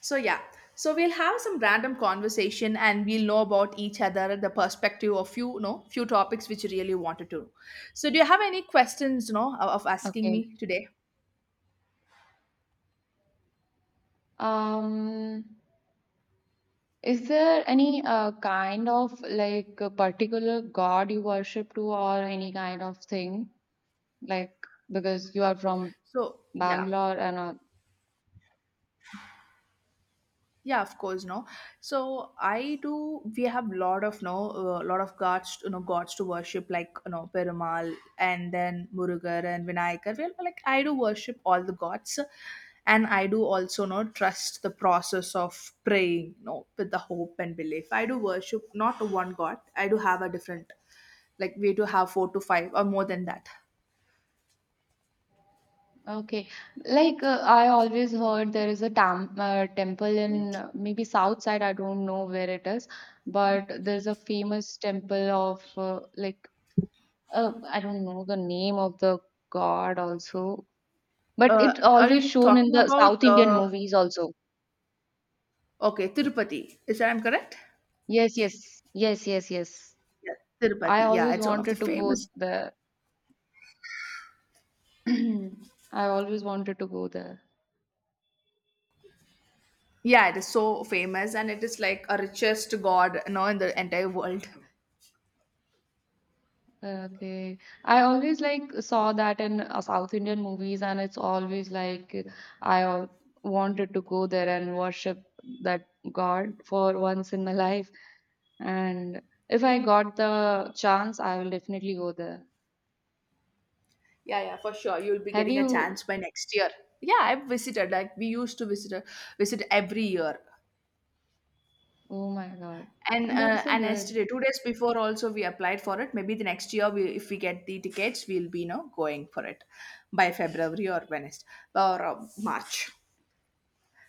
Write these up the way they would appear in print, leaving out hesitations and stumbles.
So yeah, so we'll have some random conversation and we'll know about each other the perspective of few, you know, few topics which you really wanted to know. So do you have any questions, you know, of asking Okay. me today? Um, is there any kind of like a particular god you worship to, or any kind of thing? Like, because you are from So yeah. Bangalore and Yeah, of course, no. So I do. We have lot of no, lot of gods, you know, gods to worship, like you know, Perumal and then Murugar and Vinayakar. Well, like I do worship all the gods, and I do also no trust the process of praying, no, with the hope and belief. I do worship not one god. I do have a different, like we do have four to five or more than that. okay, like I always heard there is a tam temple in maybe south side, I don't know where it is, but there's a famous temple of like I don't know the name of the god also, but it's Are you always shown in talking the about? South Indian movies also. Okay, Tirupati. Is that I'm correct? Yes, yes, yes, yes, yes. Yes, I Tirupati. Yeah, always it's one of the wanted to go famous. there. I always wanted to go there. Yeah, it is so famous and it is like a richest god, you know, in the entire world. Okay. I always like saw that in South Indian movies, and it's always like I al- wanted to go there and worship that God for once in my life. And if I got the chance, I will definitely go there. Yeah, yeah, for sure. You'll be Have getting a you? chance by next year. Yeah, I've visited. Like we used to visit every year. Oh my God. And Oh, that's uh, so and good. yesterday, 2 days before, also we applied for it. Maybe the next year, we if we get the tickets, we'll be you know going for it by February or Wednesday or March.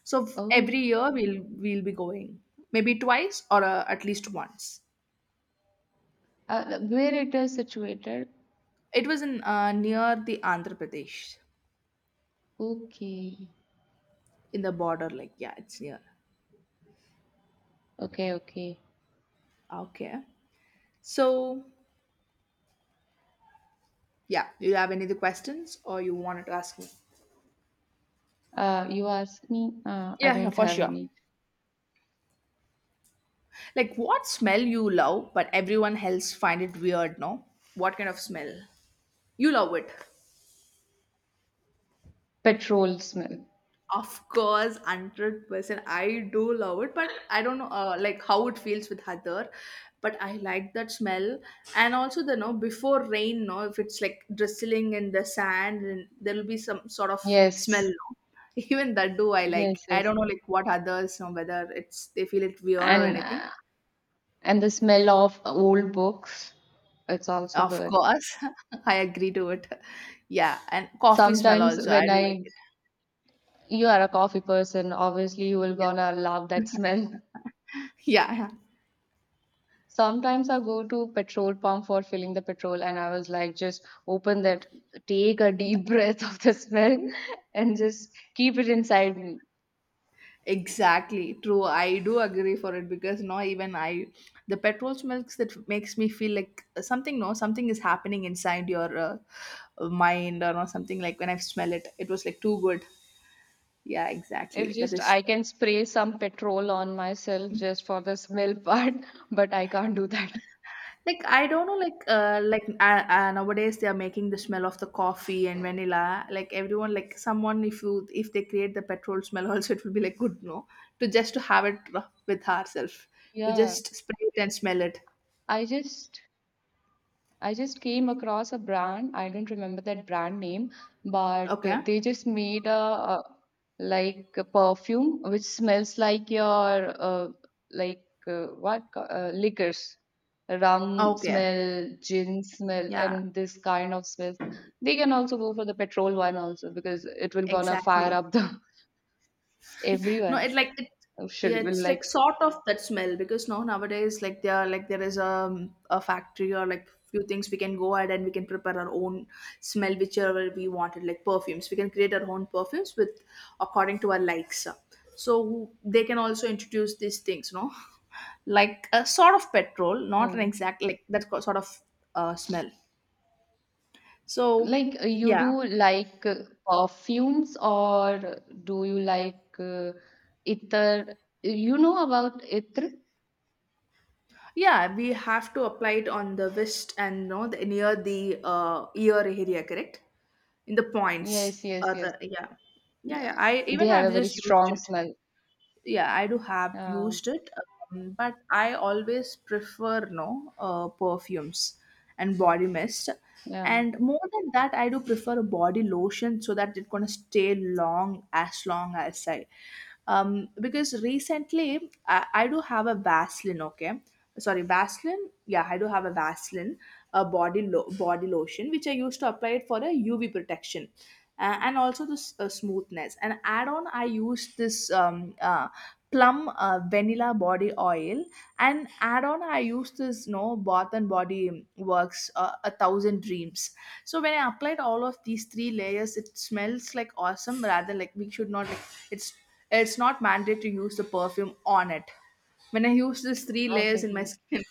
So Oh, every year we'll be going maybe twice or at least once. Where it is situated? It was in near the Andhra Pradesh Okay. in the border. Like yeah, it's near. Okay, okay. Okay. So yeah, do you have any other questions or you wanted to ask me? You ask me, I Yeah, yeah, don't for have sure. any Like what smell you love, but everyone else find it weird? No, what kind of smell you love it? petrol smell. Of course, 100%. I do love it, but I don't know like how it feels with Hadar. But I like that smell. And also the no before rain, no, if it's like drizzling in the sand and there'll be some sort of smell, Yes, no? Even that do I yes, like. I yes. don't know like what others know whether it's they feel it weird or And anything. uh, and the smell of old books, it's also Of good. course. I agree to it. Yeah. And coffee smell Sometimes also. I when do like I, it. you are a coffee person, obviously you will Yeah. gonna love that smell. Yeah. Sometimes I go to petrol pump for filling the petrol, and I was like, just open that, take a deep breath of the smell, Yeah. and just keep it inside me. Exactly, true. I do agree for it because no, the petrol smells that makes me feel like something. No, something is happening inside your mind or no, something like when I smell it, it was like too good. Yeah, If exactly. That just is I can spray some petrol on myself just for the smell part, but I can't do that. like I don't know, nowadays they are making the smell of the coffee and vanilla. Like everyone, like someone, if they create the petrol smell, also it will be like good. No, to just to have it with ourselves, to Yeah, just spray it and smell it. I just I just came across a brand. I don't remember that brand name, but Okay. they just made a like a perfume which smells like your uh, like what liquors, rum Okay. smell, gin smell, Yeah, and this kind of smells. They can also go for the petrol one also because it will gonna fire exactly. up the No, everyone it yeah, should will it's like sort of that smell because now nowadays like there are like there is a factory or like few things we can go ahead and we can prepare our own smell whichever we wanted, like perfumes we can create our own perfumes with according to our likes, so they can also introduce these things, no, like a sort of petrol, not an uh, exact like that sort of smell, so like you yeah. do like perfumes or do you like ether? You know about ether? Yeah, we have to apply it on the wrist and no the, near the ear area, correct? In the points. Yes, yes, Or yes. the, yeah, yeah, Yeah, yeah. I they even have a I've very just used strong it. smell. Yeah, I do have Yeah, used it, but I always prefer no perfumes and body mist. yeah. And more than that, I do prefer a body lotion so that it's gonna stay long as I because recently I do have a Vaseline, okay? Sorry, Vaseline. Yeah, I do have a Vaseline, a body lotion, which I used to apply it for a UV protection, and also the smoothness, and add on I used this plum vanilla body oil, and add on I used this no Bath and Body Works a thousand dreams. So when I applied all of these three layers, it smells like awesome, rather like we should not like, it's it's not mandatory to use the perfume on it when I use these three layers Okay. in my Yeah, skin.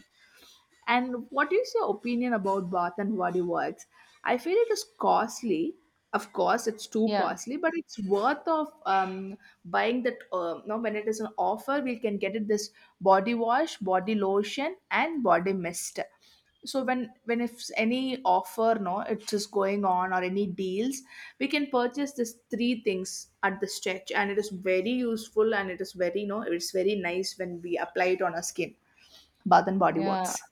And what is your opinion about Bath and Body Works? I feel it is costly. Of course, it's too yeah. costly, but it's worth of buying that. Now, when it is an offer, we can get it this body wash, body lotion, and body mist. So when if any offer, no, it is going on or any deals, we can purchase these three things at the stretch, and it is very useful and it is very, no, it's very nice when we apply it on our skin. Bath and Body Yeah. Works.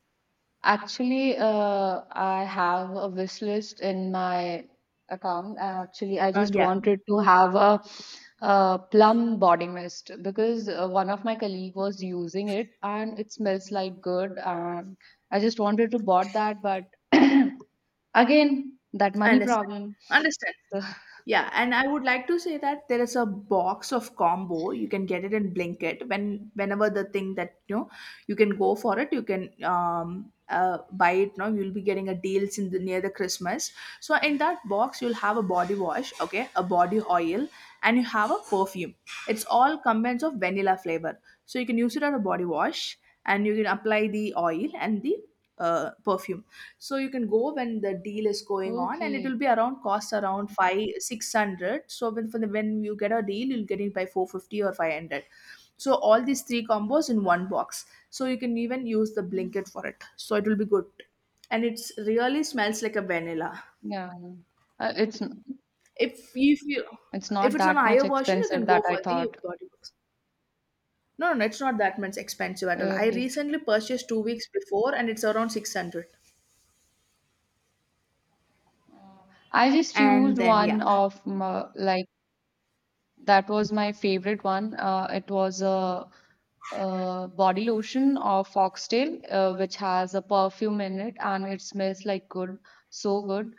Actually, I have a wish list in my account. Actually, I just Yeah, wanted to have a plum body mist because one of my colleague was using it and it smells like good. And I just wanted to bought that, but again, that I money understand. problem. Understand. So, Yeah, and I would like to say that there is a box of combo. You can get it in Blinkit when whenever the thing that you know you can go for it. You can buy it now. You'll be getting a deals in the near the Christmas. So in that box, you'll have a body wash, okay, a body oil, and you have a perfume. It's all combines of vanilla flavor. So you can use it as a body wash, and you can apply the oil and the perfume, so you can go when the deal is going on and it will okay, be around cost around 5 600. So when for the, when you get a deal you'll get it by 450 or 500, so all these three combos in one box, so you can even use the mm, blanket for it, so it will be good, and it's really smells like a vanilla. yeah, uh, it's n- If you, it's if not it's on a that much higher version, you expensive can go that I for the thought. 30 bucks. No, no, no, it's not that much expensive at all. I Okay. recently purchased 2 weeks before and it's around 600. Uh, I just And used then, one yeah. of my, like that was my favorite one. It was a body lotion of Foxtail, which has a perfume in it and it smells like good, so good.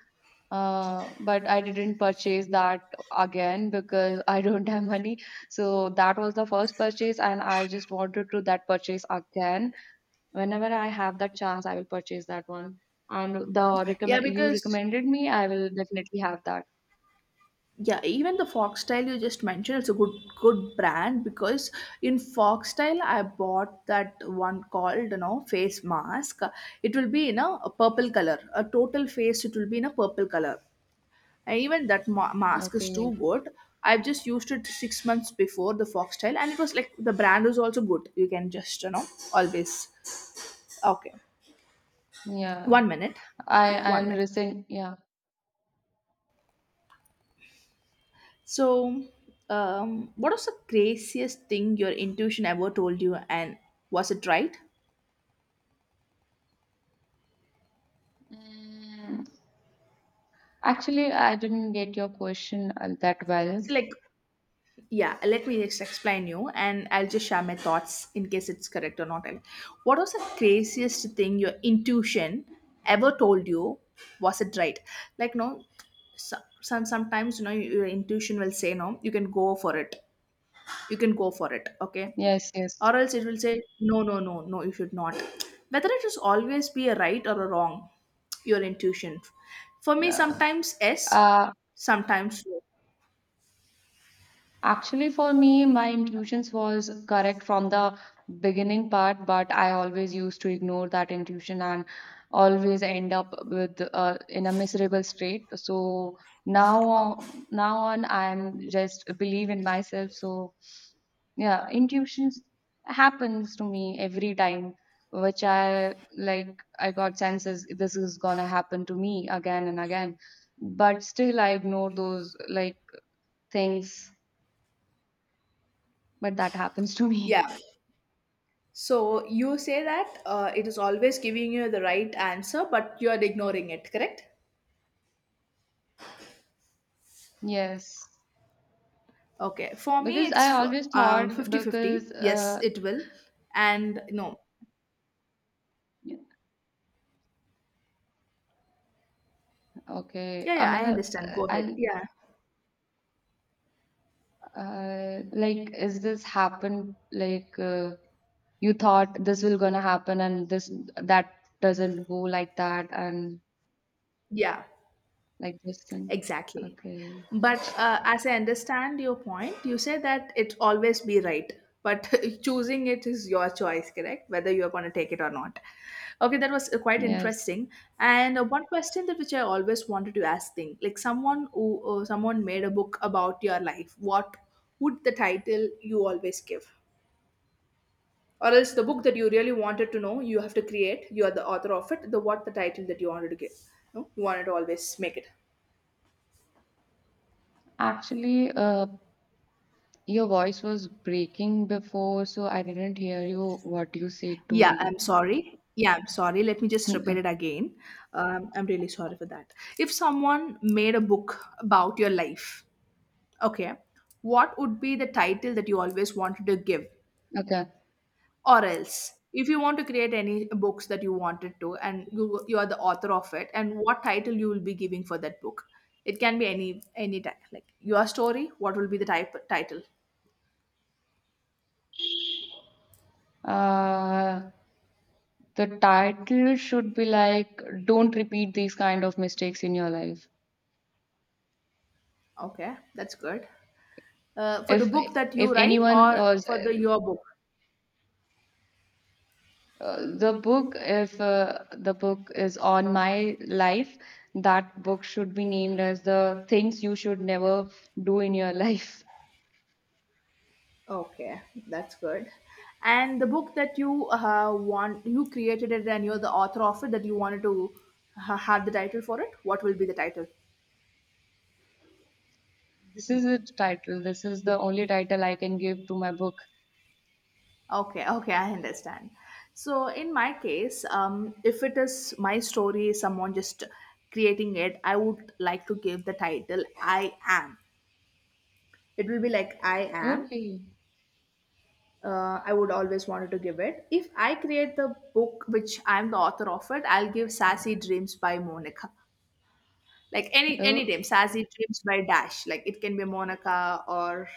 But I didn't purchase that again because I don't have money. So that was the first purchase, and I just wanted to that purchase again. Whenever I have that chance, I will purchase that one. And the Yeah, recommend you because recommended me, I will definitely have that. yeah, even the Foxtel you just mentioned, it's a good brand because in Foxtel I bought that one called you know face mask. It will be in a purple color, a total face. It will be in a purple color, and even that mask is too Okay. good. I've just used it 6 months before the Foxtel, and it was like the brand was also good. You can just you know always okay. Yeah. One minute, I am one minute. recent. Yeah. So, what was the craziest thing your intuition ever told you, and was it right? Mm, actually, I didn't get your question that well. So, like, yeah, let me just explain you, and I'll just share my thoughts in case it's correct or not. What was the craziest thing your intuition ever told you? Was it right? Like, no, sometimes you know your intuition will say no, you can go for it, you can go for it, okay, Yes, yes. or else it will say no no no no you should not, whether it is always be a right or a wrong your intuition. For me Uh, sometimes yes, uh, sometimes no. actually, for me, my intuitions was correct from the beginning part, but I always used to ignore that intuition and always end up with in a miserable state. So now, now on, I'm just believe in myself. So yeah, intuitions happens to me every time, which I like. I got senses this is gonna happen to me again and again, but still I ignore those like things but that happens to me. Yeah, so you say that it is always giving you the right answer but you are ignoring it, correct? Yes, Okay, for me because I it's always thought 50 fifty. because Yes it will and no. okay, Yeah, yeah, I understand, go ahead. I Yeah, uh, like is this happened like you thought this will gonna happen and this that doesn't go like that and yeah. like this and Exactly. okay But as I understand your point, you say that it's always be right. But choosing it is your choice, correct? Whether you are going to take it or not. Okay, that was quite yes interesting. And one question that which I always wanted to ask, thing like someone who someone made a book about your life. What would the title you always give, or else the book that you really wanted to know, you have to create. You are the author of it. The what the title that you wanted to give, no? You wanted to always make it. actually your voice was breaking before so I didn't hear you what you said to Yeah, me. I'm sorry. Yeah, I'm sorry. Let me just repeat Mm, it again. I'm really sorry for that. If someone made a book about your life, okay, what would be the title that you always wanted to give? Okay. Or else, if you want to create any books that you wanted to and you are the author of it, and what title you will be giving for that book? It can be any type, like your story. What will be the type title? Uh, the title should be like "Don't repeat these kind of mistakes in your life." Okay, that's good. For the If book that if you write, anyone or for the your book? The book if the book is on my life, that book should be named as the things you should never do in your life. Okay, that's good. And the book that you want, you created it and you're the author of it, that you wanted to have the title for it, what will be the title? This is its title. This is the only title I can give to my book. Okay, okay, I understand. So, in my case, if it is my story, someone just creating it, I would like to give the title I Am. It will be like I Am. Okay. I would always wanted to give it. If I create the book, which I'm the author of it, I'll give Sassy Dreams by Monica. Like any Oh, name, Sassy Dreams by Dash. Like it can be Monica or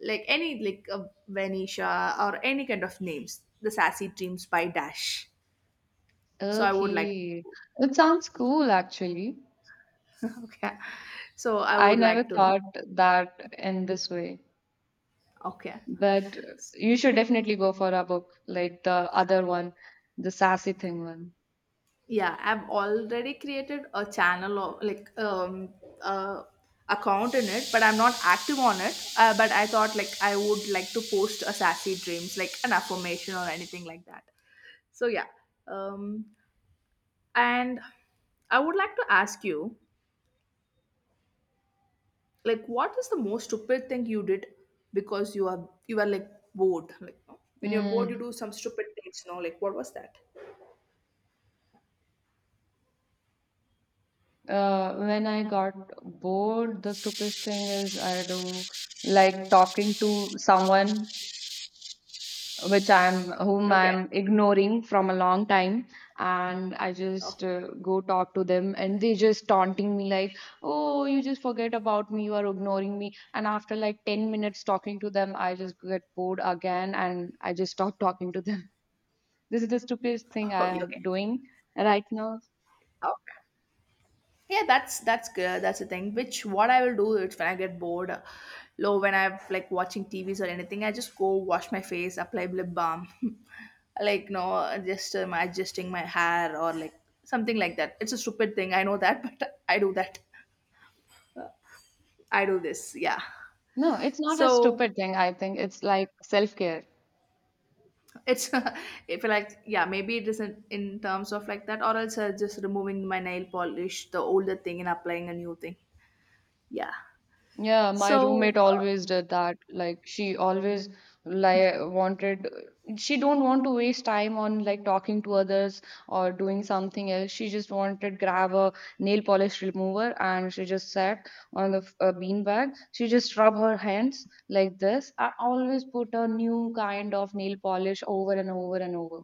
like any like Venetia or any kind of names. The Sassy Dreams by Dash. So I would like. okay. It sounds cool, actually. Okay. So I I would never like to know. thought that in this way. Okay. But you should definitely go for a book like the other one, the sassy thing one. Yeah, I've already created a channel of like uh account in it, but I'm not active on it. But I thought like I would like to post a sassy dreams, like an affirmation or anything like that. So yeah, um, and I would like to ask you, like, what is the most stupid thing you did because you are like bored? Like no? When you're bored, Mm, you do some stupid things. No, like what was that? When I got bored, the stupidest thing is I do like talking to someone which I'm whom Okay, I'm ignoring from a long time, and I just okay, go talk to them, and they just taunting me like, "Oh, you just forget about me. You are ignoring me." And after like 10 minutes talking to them, I just get bored again, and I just stop talking to them. This is the stupidest thing oh, I yeah, okay, am doing right now. okay. Yeah, that's good. That's the thing. Which what I will do is when I get bored, low when I'm like watching TVs or anything, I just go wash my face, apply lip balm, like no, just adjusting my hair or like something like that. It's a stupid thing. I know that, but I do that. I do this. Yeah. No, it's not a So stupid thing, I think. It's like self-care. it's if like yeah maybe it isn't in terms of like that or else just removing my nail polish the older thing and applying a new thing, yeah, Yeah, my roommate so. always did that. Like she always like wanted she don't want to waste time on like talking to others or doing something else. She just wanted grab a nail polish remover and she just sat on the bean bag. She just rub her hands like this. I always put a new kind of nail polish over and over and over.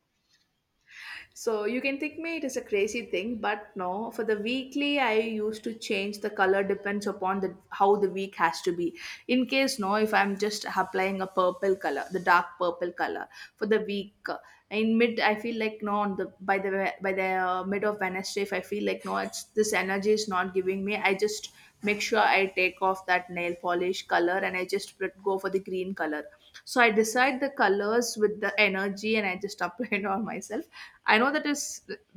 So you can think me it is a crazy thing, but no. For the weekly, I used to change the color depends upon the how the week has to be. In case no, if I'm just applying a purple color, the dark purple color for the week. In mid, I feel like no. On the by the by the mid of Wednesday, if I feel like no, it's this energy is not giving me. I just make sure I take off that nail polish color and I just go for the green color, so I decide the colors with the energy and I just apply it on myself. I know that is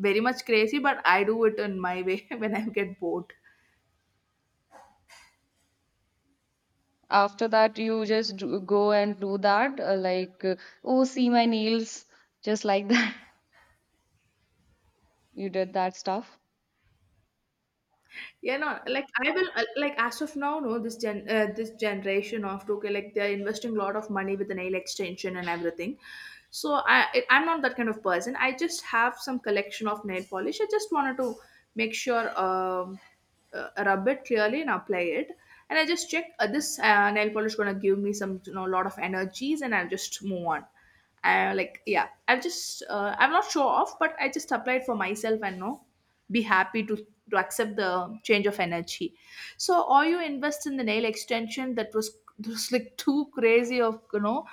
very much crazy, but I do it in my way when I get bored. After that, you just do, go and do that, like, oh, see my nails, just like that. You did that stuff. Yeah, no, like I will, like as of now, no, this this generation of okay, like they're investing a lot of money with the nail extension and everything. So I'm not that kind of person. I just have some collection of nail polish. I just wanted to make sure, rub it clearly and apply it. And I just check this nail polish gonna give me some, you know, lot of energies, and I'll just move on. I like yeah I'm not sure off but I just applied for myself and no, be happy to accept the change of energy. So or you invest in the nail extension, that was just like too crazy of you know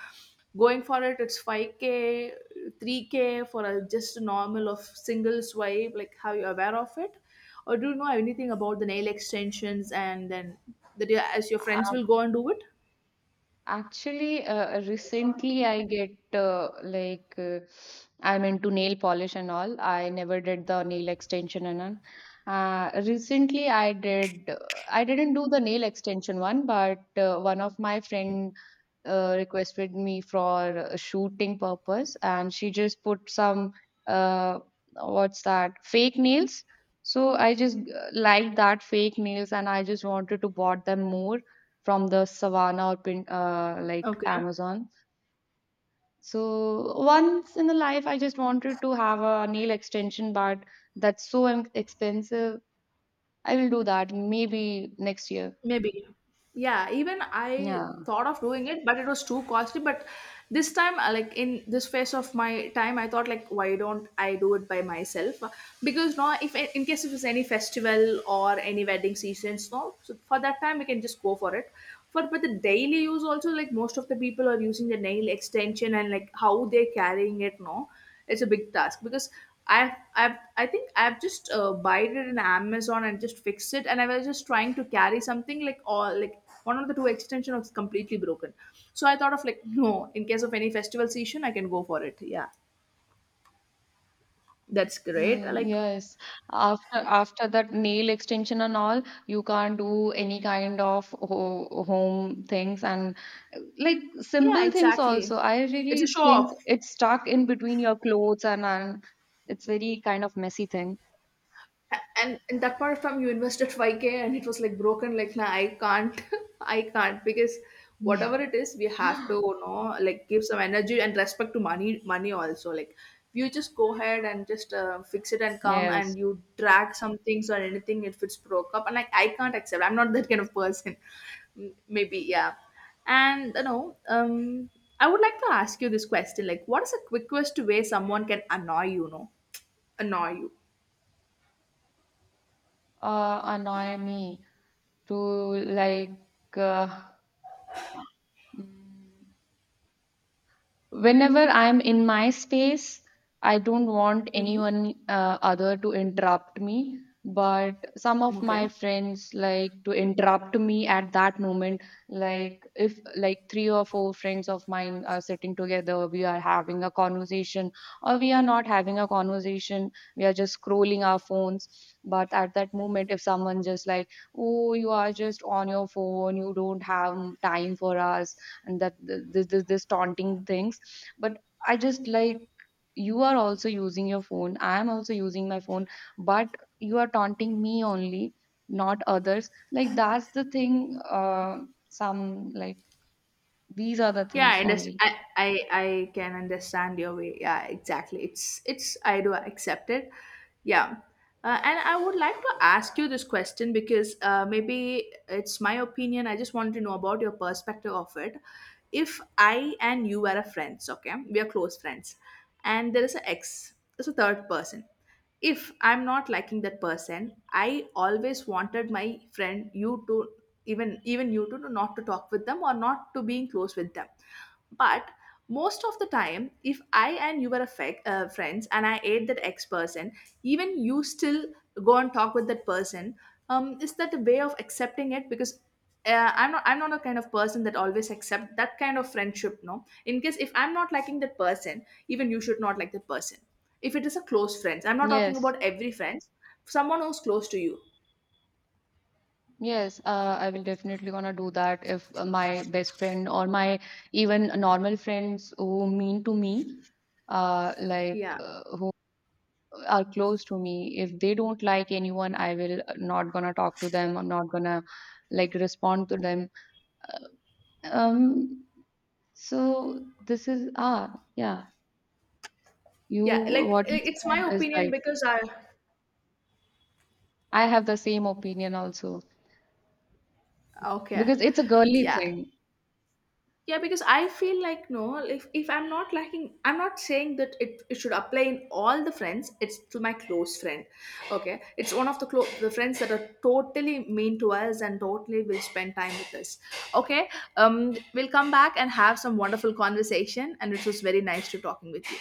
going for it, it's 5k, 3k for a just a normal of single swipe. Like how you aware of it, or do you know anything about the nail extensions and then that you, as your friends Um, will go and do it? actually, recently I get like I'm into nail polish and all. I never did the nail extension and all. Recently I did I didn't do the nail extension one, but one of my friend requested me for a shooting purpose and she just put some uh, what's that fake nails so I just liked that fake nails and I just wanted to bought them more from the savannah or like Okay. amazon so once in the life I just wanted to have a nail extension but that's so expensive. I will do that maybe next year. Maybe. Yeah, even I Yeah. thought of doing it, but it was too costly. But this time, like in this phase of my time, I thought like, why don't I do it by myself? Because now, if in case if it's any festival or any wedding seasons, no, so for that time we can just go for it. For but the daily use also, like most of the people are using the nail extension and like how they're carrying it, no, it's a big task because I think I've just buyed it in Amazon and just fixed it, and I was just trying to carry something like all like one of the two extension was completely broken, so I thought of like no, in case of any festival season, I can go for it. Yeah, that's great. Mm, Like yes. After after that nail extension and all, you can't do any kind of ho home things and like yeah, simple things exactly. also. I It's a really show think off. it's stuck in between your clothes and it's very kind of messy thing. And that part of time, you invested 5k and it was like broken like nah, I can't I can't, because Yeah. whatever it is we have to, you know, like give some energy and respect to money, money also. Like you just go ahead and just fix it and come Yes. and you drag some things or anything if it's broke up and like I can't accept, I'm not that kind of person. Maybe yeah. And you know I would like to ask you this question, like what is the quickest way someone can annoy you, you know, annoy you? Annoy me to like uh, mm, whenever I'm in my space I don't want Hmm. anyone other to interrupt me but some of my Okay. friends like to interrupt me at that moment. Like if like 3 or 4 friends of mine are sitting together, we are having a conversation or we are not having a conversation, we are just scrolling our phones. But at that moment if someone just like, oh, you are just on your phone, you don't have time for us, and that this taunting things, but I just like, you are also using your phone, I am also using my phone, but you are taunting me only, not others. Like that's the thing. Uh, some like these are the Yeah, things I, only. I can understand your way. Yeah, exactly. It's I do accept it. Yeah, and I would like to ask you this question because maybe it's my opinion. I just want to know about your perspective of it. If I and you are a friends, okay, we are close friends, and there is an ex, there's a third person, if I'm not liking that person, I always wanted my friend you to even you two to not to talk with them or not to being close with them, but most of the time if I and you were a friends and I ate that ex person, even you still go and talk with that person. Is that a way of accepting it? Because I'm not a kind of person that always accept that kind of friendship, no, in case if I'm not liking that person, even you should not like that person, if it is a close friends. I'm not talking Yes, about every friends, someone who's close to you. yes, I will definitely gonna do that if my best friend or my even normal friends who mean to me like Yeah, are close to me, if they don't like anyone, I will not gonna talk to them, I'm not gonna like respond to them. Um, so this is ah yeah you yeah, like what you I- it's my said is opinion right, because I. I have the same opinion also Okay. because it's a girly Yeah. thing. Yeah, because I feel like no, if I'm not liking, I'm not saying that it should apply in all the friends. It's to my close friend, okay. It's one of the the friends that are totally mean to us and totally will spend time with us, okay. We'll come back and have some wonderful conversation, and it was very nice to talking with you.